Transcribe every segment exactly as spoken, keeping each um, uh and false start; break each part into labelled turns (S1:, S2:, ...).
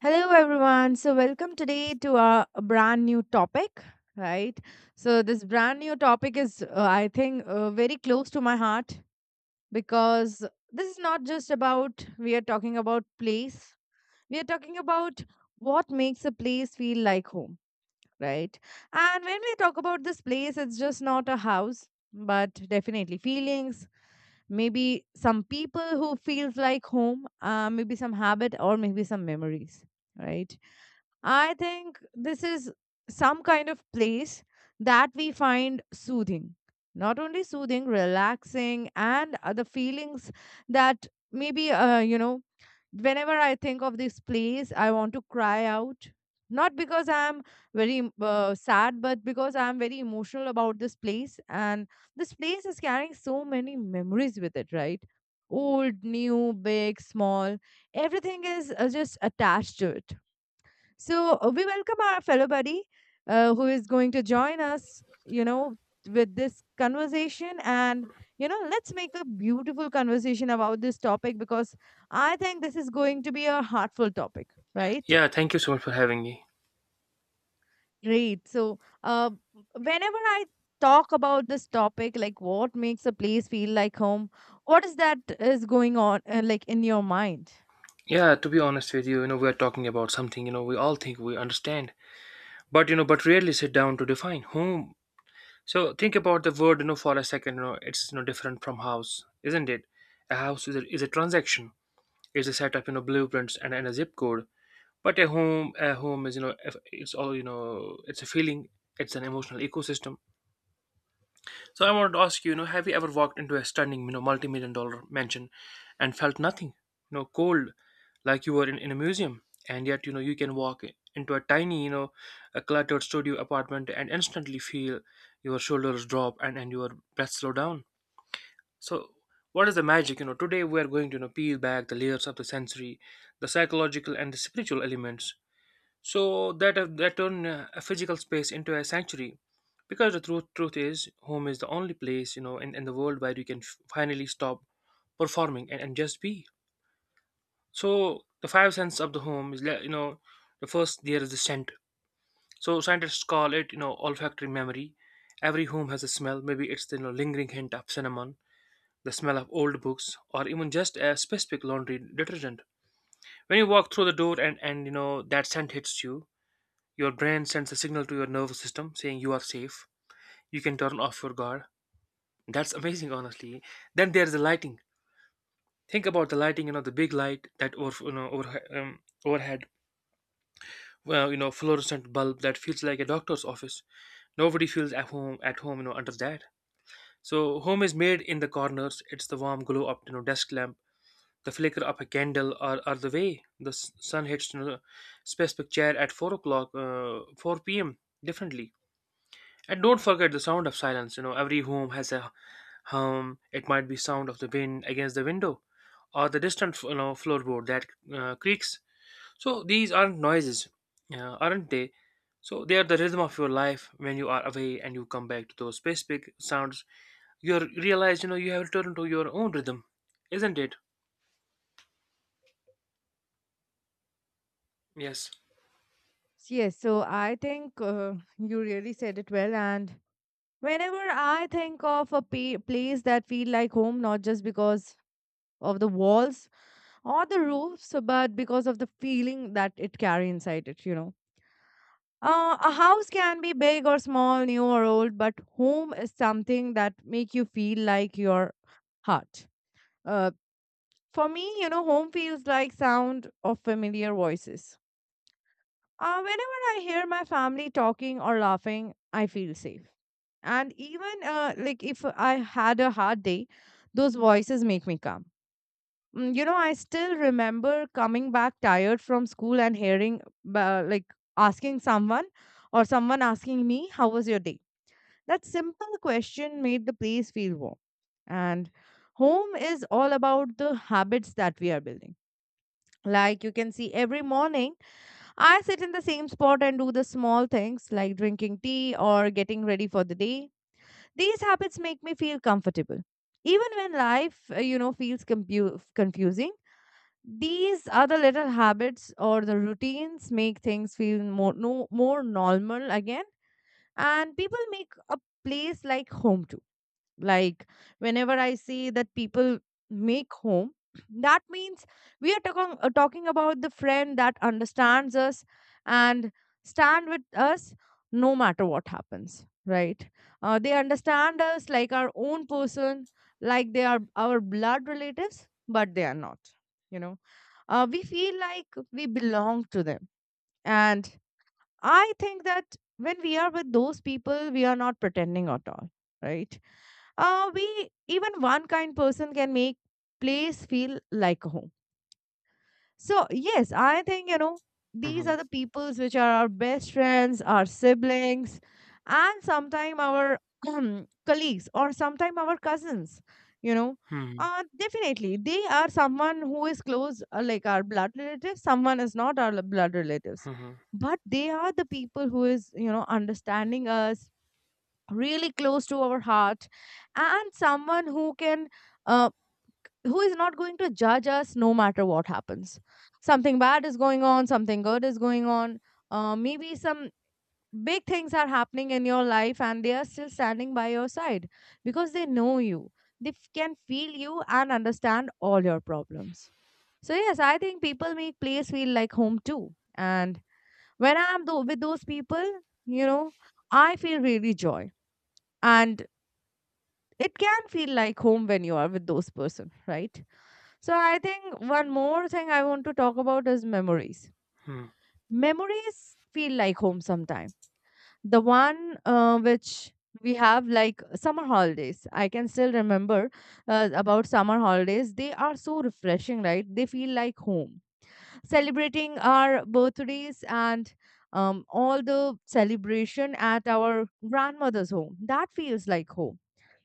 S1: Hello, everyone. So, welcome today to our brand new topic, right? So, this brand new topic is, uh, I think, uh, very close to my heart because this is not just about we are talking about place, we are talking about what makes a place feel like home, right? And when we talk about this place, it's just not a house, but definitely feelings, maybe some people who feels like home, uh, maybe some habit, or maybe some memories, right? I think this is some kind of place that we find soothing. Not only soothing, relaxing, and other feelings that maybe, uh, you know, whenever I think of this place, I want to cry out. Not because I'm very em- uh, sad, but because I'm very emotional about this place. And this place is carrying so many memories with it, right? Old, new, big, small, everything is uh, just attached to it, so uh, we welcome our fellow buddy, uh, who is going to join us, you know, with this conversation. And, you know, let's make a beautiful conversation about this topic because I think this is going to be a heartful topic, right?
S2: Yeah, thank you so much for having me.
S1: Great. So, uh, whenever I talk about this topic, like what makes a place feel like home, what is that is going on, uh, like in your mind?
S2: Yeah, to be honest with you, you know, we are talking about something, you know, we all think we understand, but you know, but rarely sit down to define whom. So think about the word, you know, for a second, you know, it's you know different from house, isn't it? A house is a, is a transaction, is a set up, you know, blueprints and, and a zip code. But a home, a home is, you know, if- it's all, you know, it's a feeling, it's an emotional ecosystem. So I want to ask you, you know, have you ever walked into a stunning, you know, multi-million dollar mansion and felt nothing, you know, cold, like you were in, in a museum, and yet, you know, you can walk into a tiny, you know, a cluttered studio apartment and instantly feel your shoulders drop and, and your breath slow down. So what is the magic? You know, today we are going to, you know, peel back the layers of the sensory, the psychological and the spiritual elements so that uh, that turned uh, a physical space into a sanctuary, because the truth truth is, home is the only place you know in, in the world where you can f- finally stop performing and, and just be. So the five senses of the home is le- you know, the first there is the scent. So scientists call it, you know, olfactory memory. Every home has a smell. Maybe it's the, you know, lingering hint of cinnamon, the smell of old books, or even just a specific laundry detergent. When you walk through the door and and you know that scent hits you, your brain sends a signal to your nervous system saying you are safe. You can turn off your guard. That's amazing, honestly. Then there's the lighting. Think about the lighting, you know, the big light that over, you know, over, um, overhead, well, you know, fluorescent bulb that feels like a doctor's office. Nobody feels at home, at home, you know, under that. So home is made in the corners. It's the warm glow up, you know, desk lamp, the flicker of a candle, or, or the way the s- sun hits, you know, specific chair at four o'clock, uh, four p m differently. And don't forget the sound of silence. You know, every home has a hum. It might be sound of the wind against the window, or the distant, you know, floorboard that uh, creaks. So these aren't noises, uh, aren't they? So they are the rhythm of your life. When you are away and you come back to those specific sounds, you are- realize, you know, you have returned to your own rhythm, isn't it? Yes.
S1: Yes. So I think uh, you really said it well. And whenever I think of a pa- place that feel like home, not just because of the walls or the roofs, but because of the feeling that it carry inside it, you know. Uh, a house can be big or small, new or old, but home is something that make you feel like your heart. Uh, for me, you know, home feels like sound of familiar voices. Uh, whenever I hear my family talking or laughing, I feel safe, and even uh, like if I had a hard day, those voices make me calm. Mm, you know, I still remember coming back tired from school and hearing, uh, like asking someone or someone asking me how was your day. That simple question made the place feel warm. And home is all about the habits that we are building. Like you can see, every morning I sit in the same spot and do the small things like drinking tea or getting ready for the day. These habits make me feel comfortable. Even when life, uh, you know, feels compu- confusing, these other little habits or the routines make things feel more, no, more normal again. And people make a place like home too. Like, whenever I see that people make home, that means we are talking, uh, talking about the friend that understands us and stand with us no matter what happens, right? Uh, they understand us like our own person, like they are our blood relatives, but they are not. You know, uh, we feel like we belong to them. And I think that when we are with those people, we are not pretending at all, right? Uh, we even one kind person can make place feel like home. So, yes, I think, you know, these are the
S2: Mm-hmm.
S1: peoples which are our best friends, our siblings, and sometimes our colleagues or sometimes our cousins, you know.
S2: Hmm.
S1: Uh, definitely, they are someone who is close, uh, like our blood relatives. Someone is not our blood relatives,
S2: Hmm.
S1: but they are the people who is, you know, understanding us, really close to our heart, and someone who can, uh, who is not going to judge us, no matter what happens. Something bad is going on, something good is going on, uh, maybe some big things are happening in your life, and they are still standing by your side because they know you, they f- can feel you and understand all your problems. So yes, I think people make place feel like home too. And when i'm tho- with those people, you know, I feel really joy, and it can feel like home when you are with those person, right? So I think one more thing I want to talk about is memories.
S2: Hmm.
S1: Memories feel like home sometime. The one uh, which we have, like summer holidays. I can still remember uh, about summer holidays. They are so refreshing, right? They feel like home. Celebrating our birthdays and um, all the celebration at our grandmother's home. That feels like home,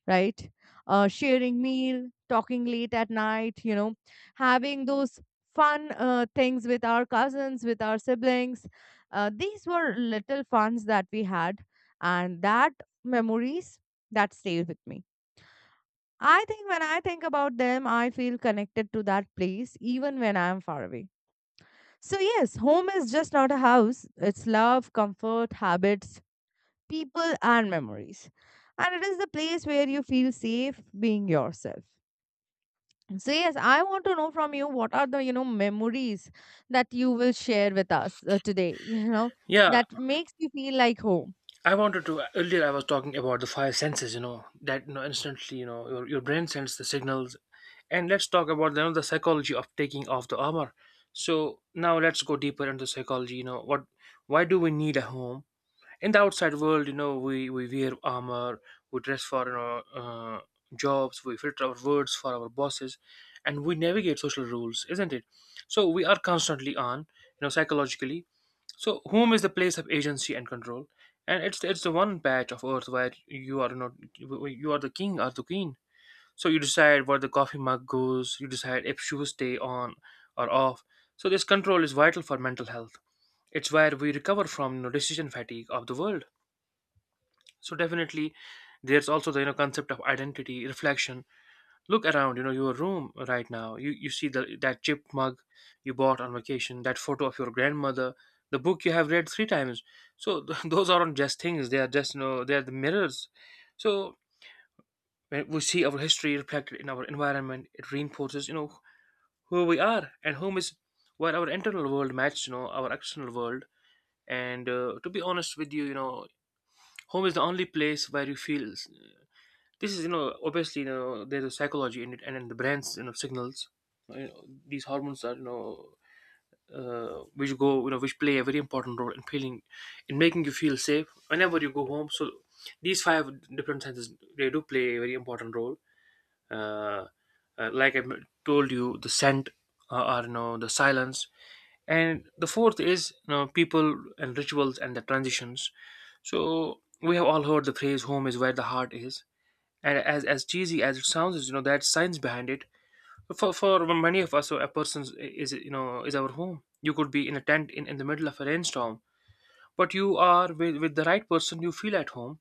S1: right? Uh, sharing meal, talking late at night, you know, having those fun uh, things with our cousins, with our siblings. Uh, these were little funs that we had, and that memories that stay with me. I think when I think about them, I feel connected to that place even when I am far away. So, yes, home is just not a house, it's love, comfort, habits, people, and memories. And it is the place where you feel safe being yourself. So yes, I want to know from you, what are the, you know, memories that you will share with us uh, today. You know,
S2: Yeah,
S1: that makes you feel like home.
S2: I wanted to. Earlier, I was talking about the five senses. You know that, you know, instantly. You know, your your brain sends the signals, and let's talk about, you know, the psychology of taking off the armor. So now let's go deeper into psychology. You know what, why do we need a home? In the outside world, you know, we we wear armor, we dress for, you know, uh, jobs, we filter our words for our bosses, and we navigate social rules, isn't it? So we are constantly on, you know, psychologically. So home is the place of agency and control, and it's it's the one patch of earth where you are not, you are the king or the queen. So you decide where the coffee mug goes, you decide if shoes stay on or off. So this control is vital for mental health. It's where we recover from, you know, decision fatigue of the world. So definitely there's also the, you know, concept of identity, reflection. Look around, you know, your room right now. You you see the that chipped mug you bought on vacation, that photo of your grandmother, the book you have read three times. So th- those aren't just things, they are just, you know, they are the mirrors. So when we see our history reflected in our environment, it reinforces, you know, who we are and whom is, well, our internal world matches, you know, our external world. And uh, to be honest with you, you know, home is the only place where you feel this is, you know, obviously, you know, there's a psychology in it and in the brain's, you know, signals, you know, these hormones are, you know, uh, which go, you know, which play a very important role in feeling, in making you feel safe whenever you go home. So these five different senses, they do play a very important role, uh, uh, like I told you, the scent, uh, or, you know, the silence, and the fourth is, you know, people and rituals and the transitions. So we have all heard the phrase home is where the heart is, and as as cheesy as it sounds is, you know, there's science behind it. For for many of us, so a person is, you know, is our home. You could be in a tent in, in the middle of a rainstorm, but you are with, with the right person, you feel at home.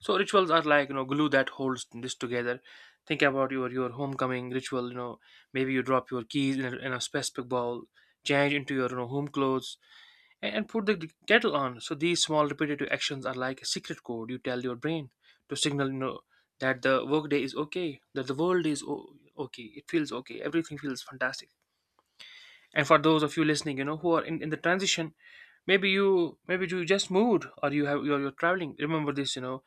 S2: So rituals are like, you know, glue that holds this together. Think about your your homecoming ritual. You know, maybe you drop your keys in a, in a specific bowl, change into your, you know, home clothes, and, and put the kettle on. So these small repetitive actions are like a secret code you tell your brain to signal, you know, that the workday is okay, that the world is o- okay. It feels okay. Everything feels fantastic. And for those of you listening, you know, who are in, in the transition, maybe you maybe you just moved or you have you're, you're traveling, remember this, you know,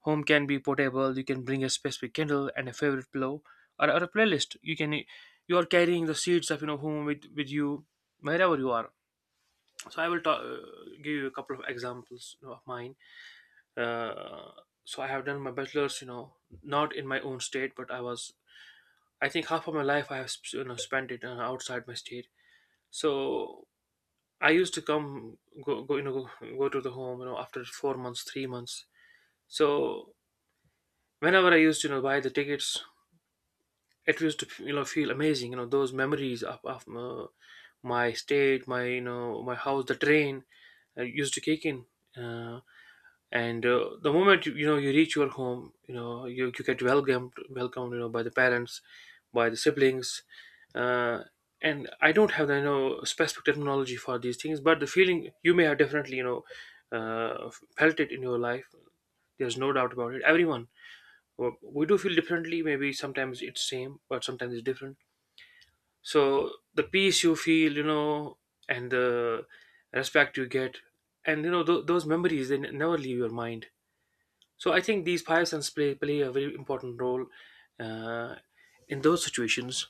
S2: home can be portable. You can bring a specific candle and a favorite pillow, or, or a playlist. You can, you are carrying the seeds of, you know, home with with you wherever you are. So I will ta- uh, give you a couple of examples, you know, of mine. Uh, so I have done my bachelor's, you know, not in my own state, but I was. I think half of my life I have sp- you know spent it, uh, outside my state. So I used to come go go you know go, go to the home you know after four months, three months. So whenever I used to, you know, buy the tickets, it used to, you know, feel amazing, you know, those memories of, of uh, my state, my, you know, my house, the train, uh, used to kick in, uh, and, uh, the moment you, you know you reach your home, you know, you, you get welcomed welcomed, you know, by the parents, by the siblings, uh, and I don't have the, you know, specific terminology for these things, but the feeling you may have definitely, you know, uh, felt it in your life, there's no doubt about it. Everyone, we we do feel differently, maybe sometimes it's same but sometimes it's different. So the peace you feel, you know, and the respect you get, and you know, th- those memories, they n- never leave your mind. So I think these five senses play, play a very important role, uh, in those situations.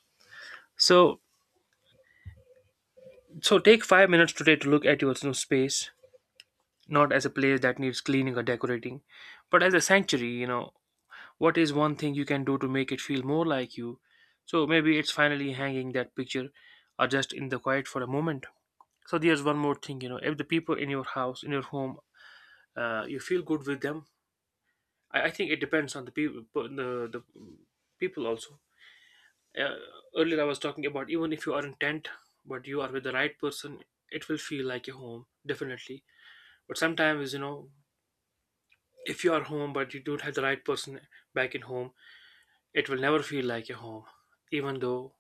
S2: So so take five minutes today to look at your, you know, space, not as a place that needs cleaning or decorating, but as a sanctuary, you know, what is one thing you can do to make it feel more like you. So maybe it's finally hanging that picture or just in the quiet for a moment. So there's one more thing, you know, if the people in your house, in your home, uh, you feel good with them. I, I think it depends on the people, the the people also. Uh, earlier I was talking about even if you are in tent, but you are with the right person, it will feel like a home, definitely. But sometimes, you know, if you are home but you don't have the right person back in home, it will never feel like a home, even though.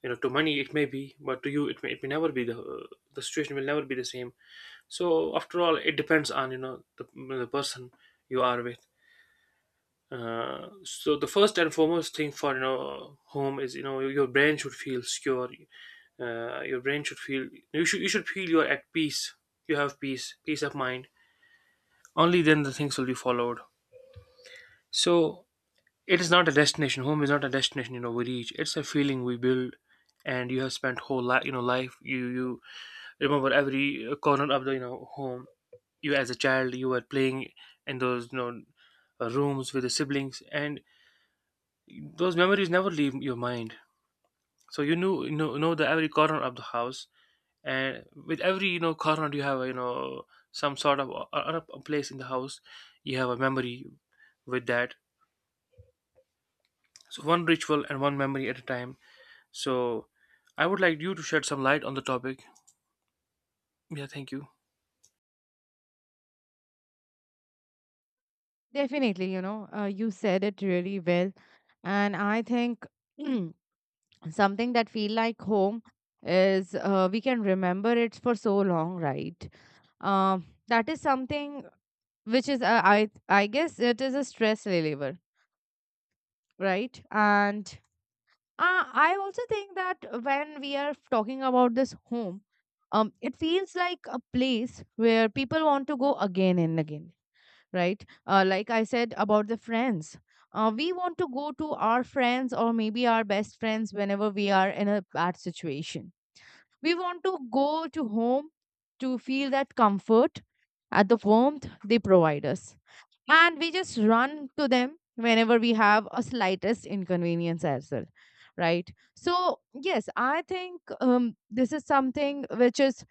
S2: You know, to money it may be, but to you it may, it may never be the the situation will never be the same. So after all, it depends on you know the, the person you are with. Uh, so the first and foremost thing for you know home is you know your brain should feel secure. Uh, your brain should feel, you should you should feel you're at peace. You have peace peace of mind. Only then the things will be followed. So it is not a destination, home is not a destination you know we reach, it's a feeling we build. And you have spent whole life you know life you you remember every corner of the you know home. You as a child you were playing in those you know uh, rooms with the siblings, and those memories never leave your mind. So you knew you know, know the every corner of the house, and with every you know corner you have you know some sort of a, a a place in the house. You have a memory with that. So one ritual and one memory at a time. So I would like you to shed some light on the topic. Yeah, thank you.
S1: Definitely, you know, uh, you said it really well. And I think something that feel like home is, uh, we can remember it for so long, right? Um, that is something which is, uh, I I guess it is a stress reliever, right? And Uh, I also think that when we are talking about this home, um, it feels like a place where people want to go again and again, right? Uh, like I said about the friends. Uh, we want to go to our friends or maybe our best friends whenever we are in a bad situation. We want to go to home to feel that comfort at the warmth they provide us, and we just run to them whenever we have a slightest inconvenience as well, right? So yes, I think, um, this is something which is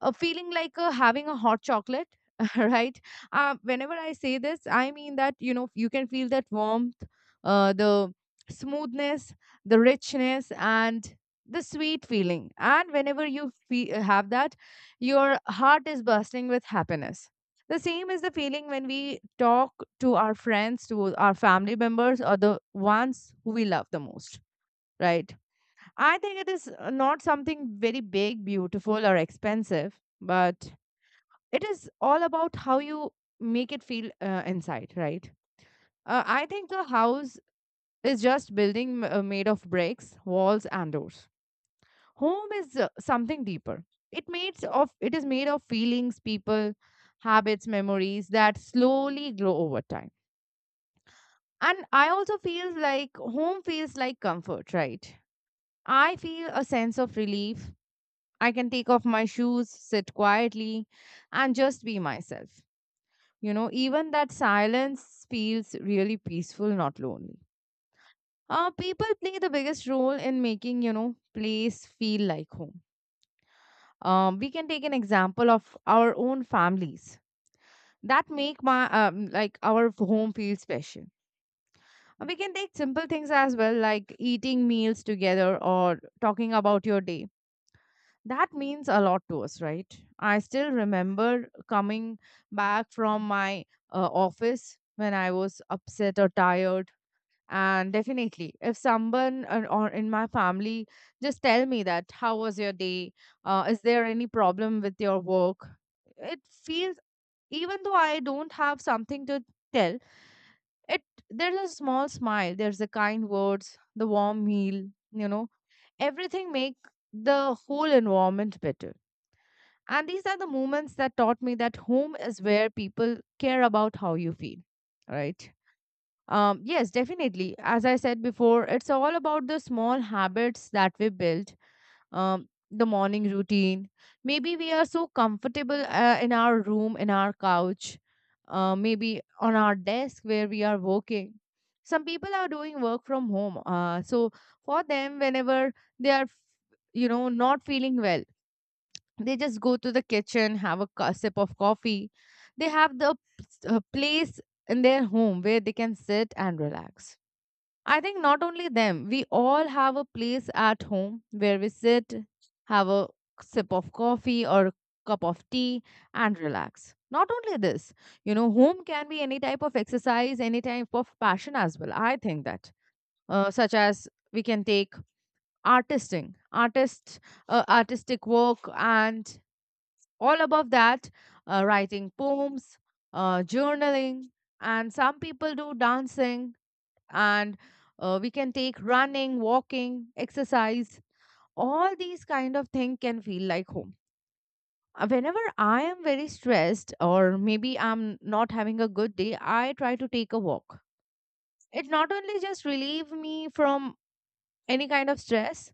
S1: a feeling like, uh, having a hot chocolate. Right, uh, whenever I say this, I mean that, you know, you can feel that warmth, uh, the smoothness, the richness, and the sweet feeling. And whenever you fe- have that, your heart is bursting with happiness. The same is the feeling when we talk to our friends, to our family members, or the ones who we love the most, right? I think it is, uh, not something very big, beautiful, or expensive, but it is all about how you make it feel uh, inside, right? Uh, I think a house is just building m- uh, made of bricks, walls, and doors. Home is uh, something deeper. It made of it is made of feelings, people, habits, memories that slowly grow over time. And I also feel like home feels like comfort, right? I feel a sense of relief. I can take off my shoes, sit quietly, and just be myself. You know, even that silence feels really peaceful, not lonely. Uh, people play the biggest role in making, you know, place feel like home. Um, we can take an example of our own families that make my um, like our home feel special. Uh, We can take simple things as well, like eating meals together or talking about your day. That means a lot to us, right? I still remember coming back from my uh, office when I was upset or tired. And definitely, if someone or, or in my family just tell me that, how was your day? Uh, is there any problem with your work? It feels, even though I don't have something to tell, it, there's a small smile, there's the kind words, the warm meal, you know, everything make the whole environment better. And these are the moments that taught me that home is where people care about how you feel, right? Um, yes, definitely, as I said before, it's all about the small habits that we build. Um, the morning routine. Maybe we are so comfortable uh, in our room, in our couch, uh, maybe on our desk where we are working. Some people are doing work from home. Uh, so for them, whenever they are, you know, not feeling well, they just go to the kitchen, have a cu- sip of coffee. They have the uh, place in their home where they can sit and relax. I think not only them, we all have a place at home where we sit, have a sip of coffee or a cup of tea, and relax. Not only this, you know, home can be any type of exercise, any type of passion as well. I think that, uh, such as we can take artisting, artist, uh, artistic work, and all above that, uh, writing poems, uh, journaling, and some people do dancing and uh, we can take running walking exercise. All these kind of things can feel like home. Uh, whenever I am very stressed or maybe I'm not having a good day, I try to take a walk. It not only just relieve me from any kind of stress,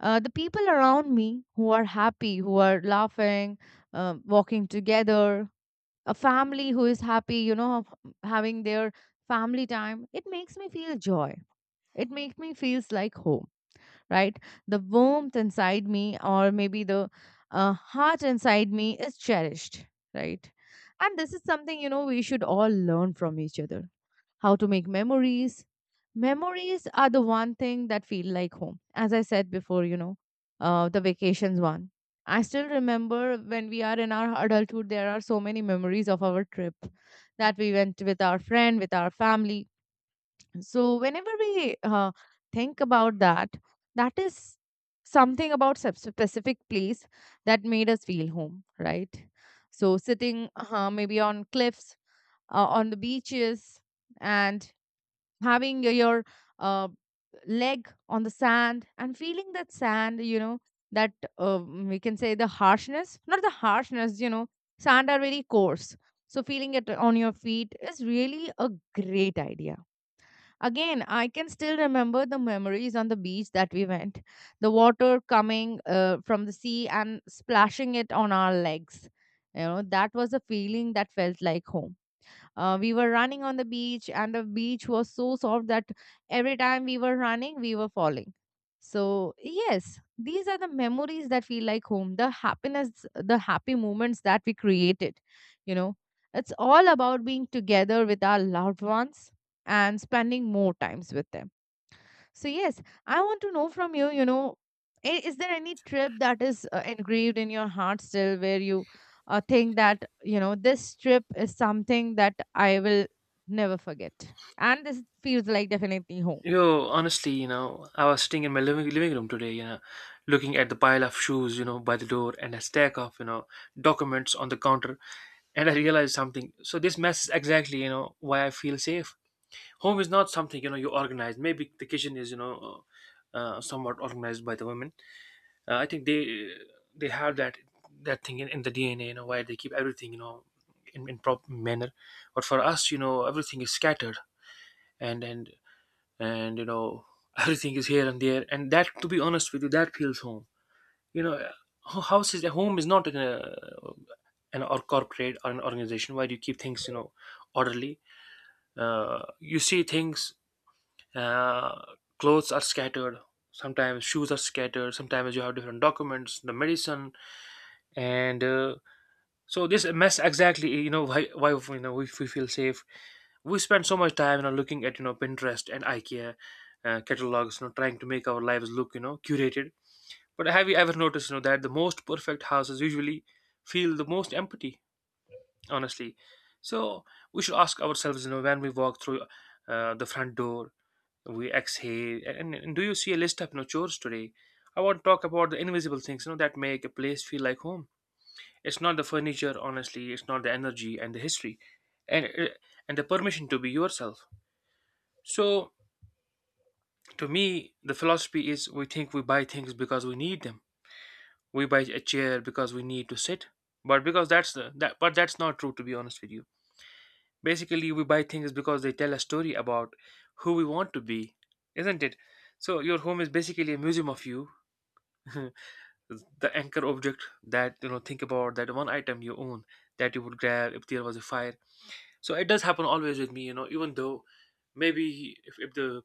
S1: uh, the people around me who are happy, who are laughing, uh, walking together, a family who is happy you know having their family time, it makes me feel joy. It makes me feels like home, right? The warmth inside me, or maybe the uh, heart inside me, is cherished, right? And this is something, you know, we should all learn from each other how to make memories. Memories are the one thing that feel like home. As I said before, you know, uh, the vacations one. I still remember when we are in our adulthood, there are so many memories of our trip that we went with our friend, with our family. So whenever we uh, think about that, that is something about sub- specific place that made us feel home, right? So sitting uh, maybe on cliffs, uh, on the beaches, and having your your, uh, leg on the sand and feeling that sand, you know, that uh, we can say the harshness, not the harshness, you know, sand are very coarse. So feeling it on your feet is really a great idea. Again, I can still remember the memories on the beach that we went, the water coming uh, from the sea and splashing it on our legs. You know, that was a feeling that felt like home. Uh, we were running on the beach, and the beach was so soft that every time we were running, we were falling. So, yes, these are the memories that feel like home, the happiness, the happy moments that we created. You know, it's all about being together with our loved ones and spending more times with them. So yes, I want to know from you, you know, i- is there any trip that is uh, engraved in your heart still where you uh, think that, you know, this trip is something that I will never forget? And this feels like definitely home.
S2: Yo, honestly, you know, I was sitting in my living living room today, you know, looking at the pile of shoes, you know, by the door and a stack of, you know, documents on the counter, and I realized something. So this mess is exactly, you know, why I feel safe. Home is not something, you know, you organize. Maybe the kitchen is, you know, uh, uh, somewhat organized by the women. Uh, I think they they have that that thing in, in the D N A, you know, why they keep everything, you know, in, in proper manner. But for us, you know, everything is scattered and and and you know everything is here and there, and that, to be honest with you, that feels home, you know. Ho- house is a, home is not an, uh, an or corporate or an organization where you keep things you know orderly. Uh, you see things, uh, clothes are scattered, sometimes shoes are scattered, sometimes you have different documents, the medicine, and uh, so this mess exactly, you know, why why you know if we feel safe, we spend so much time, you know, looking at you know Pinterest and IKEA uh, catalogs, you know, trying to make our lives look, you know, curated. But have you ever noticed, you know, that the most perfect houses usually feel the most empty, honestly. So we should ask ourselves, you know, when we walk through uh, the front door, we exhale, and, and do you see a list of you know chores today? I want to talk about the invisible things, you know, that make a place feel like home. It's not the furniture, honestly. It's not the energy and the history, and uh, and the permission to be yourself. So to me, the philosophy is we think we buy things because we need them. We buy a chair because we need to sit, but because that's the that but that's not true, to be honest with you. Basically, we buy things because they tell a story about who we want to be, isn't it? So your home is basically a museum of you, the anchor object that you know think about that one item you own that you would grab if there was a fire. So it does happen always with me, you know, even though maybe if, if the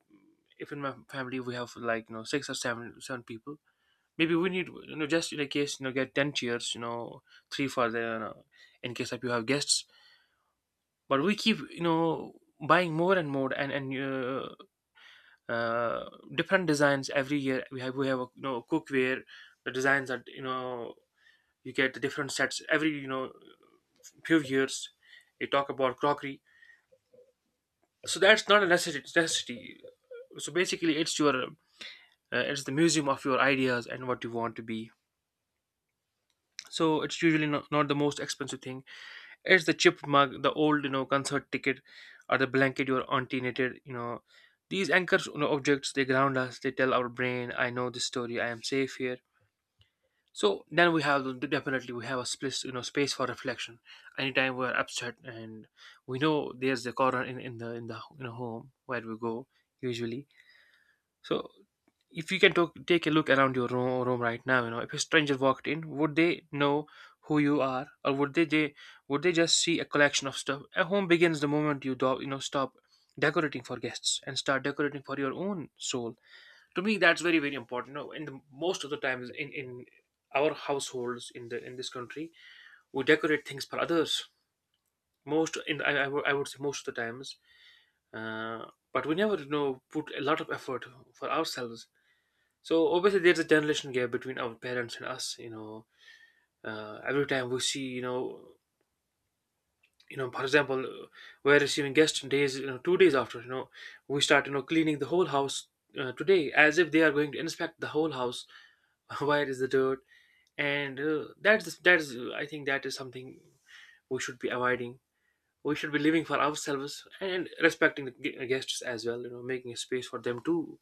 S2: if in my family we have like, you know, six or seven seven people, maybe we need you know, just in a case, you know, get ten chairs, you know, three for the you know, in case that you have guests. But we keep, you know, buying more and more and and uh, uh, different designs every year. We have we have a, you know cookware. The designs that you know you get the different sets every you know few years. You talk about crockery, so that's not a necessity. necessity. So basically it's your uh, it's the museum of your ideas and what you want to be. So it's usually not, not the most expensive thing. It's the chipped mug, the old you know concert ticket, or the blanket your auntie knitted, you know, these anchors you know objects, they ground us, they tell our brain I know this story, I am safe here. So then we have the- definitely we have a split you know space for reflection. Anytime we're upset, and we know there's the corner in, in the in the you know home where we go usually. So if you can talk, take a look around your room, room right now, you know, if a stranger walked in, would they know who you are, or would they, they would they just see a collection of stuff? A home begins the moment you do, you know stop decorating for guests and start decorating for your own soul. To me, that's very very important. You know, in the most of the times in in our households in the in this country, we decorate things for others. Most in I, I would I would say most of the times, uh, but we never you know put a lot of effort for ourselves. So obviously, there's a generation gap between our parents and us. You know, uh, every time we see, you know, you know, for example, uh, we're receiving guests days, you know, two days after, you know, we start, you know, cleaning the whole house uh, today as if they are going to inspect the whole house. Where is the dirt? And uh, that's that is, uh, I think, that is something we should be avoiding. We should be living for ourselves and respecting the gu- guests as well. You know, making a space for them too,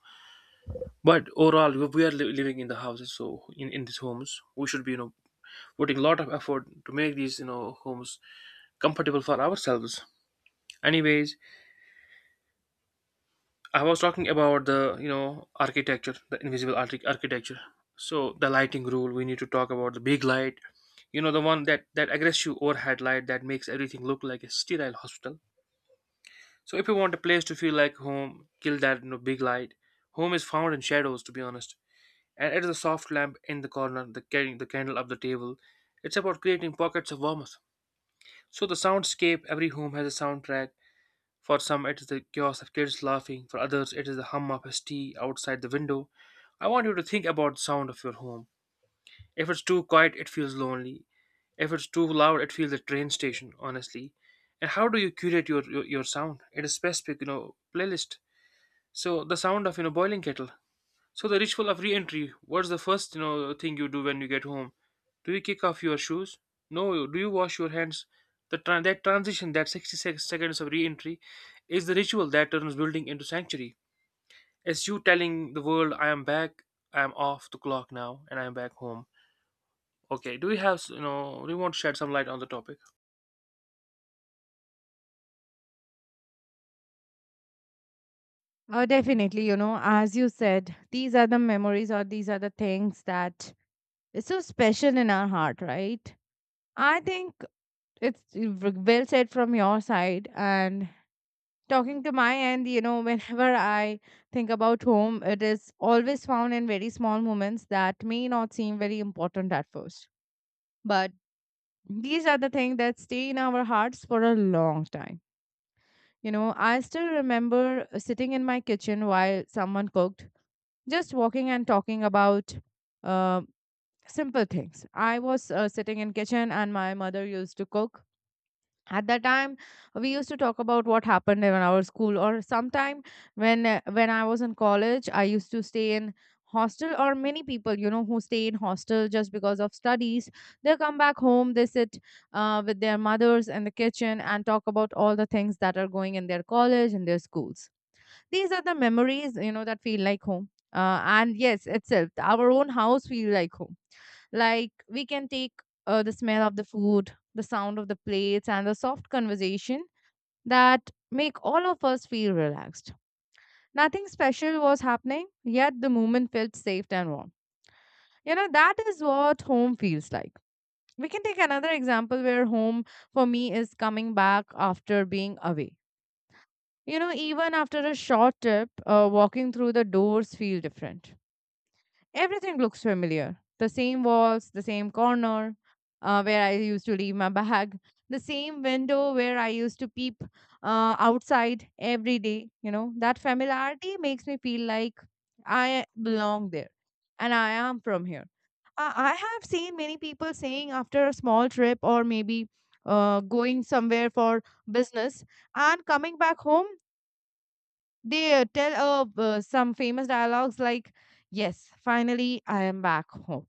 S2: but overall we we are li- living in the houses, so in, in these homes we should be you know putting a lot of effort to make these you know homes comfortable for ourselves. Anyways, I was talking about the you know architecture, the invisible archi- architecture. So the lighting rule, we need to talk about the big light, you know, the one that that aggressive overhead light that makes everything look like a sterile hospital. So if you want a place to feel like home, kill that you know big light. Home is found in shadows, to be honest. And it is a soft lamp in the corner, the, carrying the candle up the table. It's about creating pockets of warmth. So the soundscape, every home has a soundtrack. For some, it is the chaos of kids laughing. For others, it is the hum of his tea outside the window. I want you to think about the sound of your home. If it's too quiet, it feels lonely. If it's too loud, it feels a train station, honestly. And how do you curate your, your, your sound? It is specific, you know, playlist. So the sound of, you know, boiling kettle. So the ritual of re-entry. What's the first you know thing you do when you get home? Do you kick off your shoes? No. Do you wash your hands? The tran that transition, that sixty sec- seconds of re-entry, is the ritual that turns building into sanctuary. It's you telling the world, "I am back. I am off the clock now, and I am back home." Okay. Do you have you know? Do you want to shed some light on the topic?
S1: Oh, definitely. You know, as you said, these are the memories or these are the things that, it's so special in our heart, right? I think it's v- well said from your side. And talking to my end, you know, whenever I think about home, it is always found in very small moments that may not seem very important at first. But these are the things that stay in our hearts for a long time. You know, I still remember sitting in my kitchen while someone cooked, just walking and talking about. Um simple things. I was uh, sitting in kitchen and my mother used to cook. At that time we used to talk about what happened in our school, or sometime when uh, when I was in college, I used to stay in hostel, or many people, you know, who stay in hostel just because of studies, they come back home, they sit uh, with their mothers in the kitchen and talk about all the things that are going in their college and their schools. These are the memories, you know, that feel like home. Uh, and yes, itself, our own house feel like home. Like we can take uh, the smell of the food, the sound of the plates, and the soft conversation that make all of us feel relaxed. Nothing special was happening, yet the moment felt safe and warm. You know, that is what home feels like. We can take another example where home for me is coming back after being away. You know, even after a short trip, uh, walking through the doors feel different. Everything looks familiar. The same walls, the same corner uh, where I used to leave my bag, the same window where I used to peep uh, outside every day. You know, that familiarity makes me feel like I belong there and I am from here. I, I have seen many people saying after a small trip or maybe uh, going somewhere for business and coming back home, they uh, tell uh, uh, some famous dialogues like, "Yes, finally I am back home."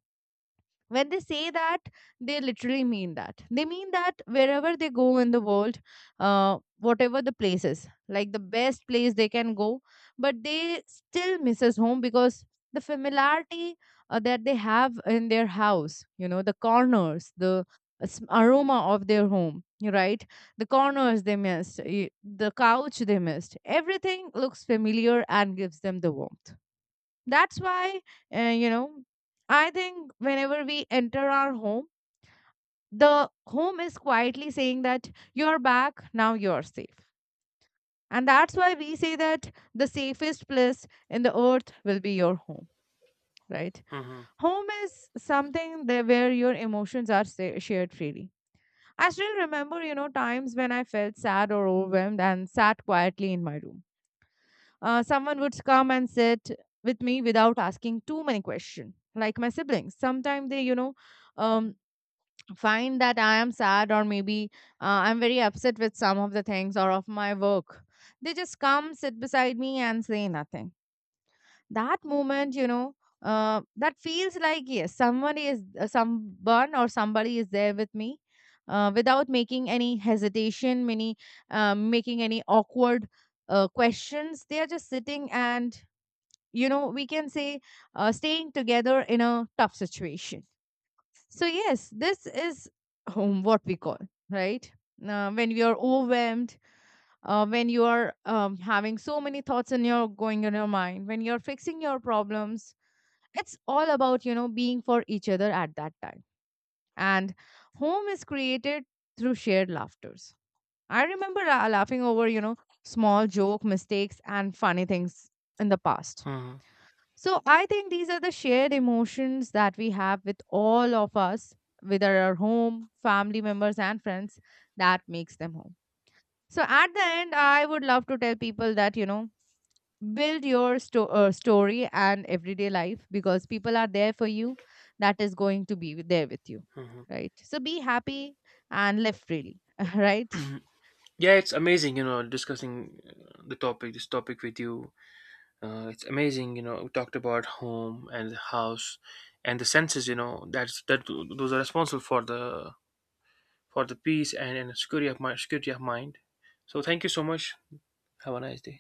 S1: When they say that, they literally mean that they mean that wherever they go in the world, uh, whatever the place is, like the best place they can go, but they still misses home because the familiarity uh, that they have in their house, you know, the corners, the uh, s- aroma of their home, right? The corners they missed, y- the couch they missed, everything looks familiar and gives them the warmth. That's why, uh, you know, I think whenever we enter our home, the home is quietly saying that you're back, now you're safe. And that's why we say that the safest place in the earth will be your home, right?
S2: Hmm.
S1: Home is something there where your emotions are sa- shared freely. I still remember, you know, times when I felt sad or overwhelmed and sat quietly in my room. Uh, someone would come and sit with me without asking too many questions, like my siblings. Sometimes they, you know, um, find that I am sad or maybe uh, I'm very upset with some of the things or of my work. They just come, sit beside me, and say nothing. That moment, you know, uh, that feels like yes, someone is uh, someone or somebody is there with me. Uh, without making any hesitation, many uh, making any awkward uh, questions, they are just sitting and, you know, we can say uh, staying together in a tough situation. So yes, this is home what we call, right? Uh, when you are overwhelmed, uh, when you are um, having so many thoughts in your going in your mind, when you're fixing your problems, it's all about, you know, being for each other at that time. And home is created through shared laughters. I remember uh, laughing over, you know, small joke mistakes and funny things in the past.
S2: Hmm.
S1: So I think these are the shared emotions that we have with all of us, whether our home, family members, and friends, that makes them home. So at the end, I would love to tell people that, you know, build your sto- uh, story and everyday life because people are there for you, that is going to be there with you,
S2: Hmm.
S1: right? So be happy and live freely, right?
S2: Yeah, it's amazing. You know, discussing uh, the topic, this topic with you. Uh, it's amazing, you know, we talked about home and the house and the senses, you know. That that those are responsible for the for the peace and, and security of mind security of mind. So thank you so much. Have a nice day.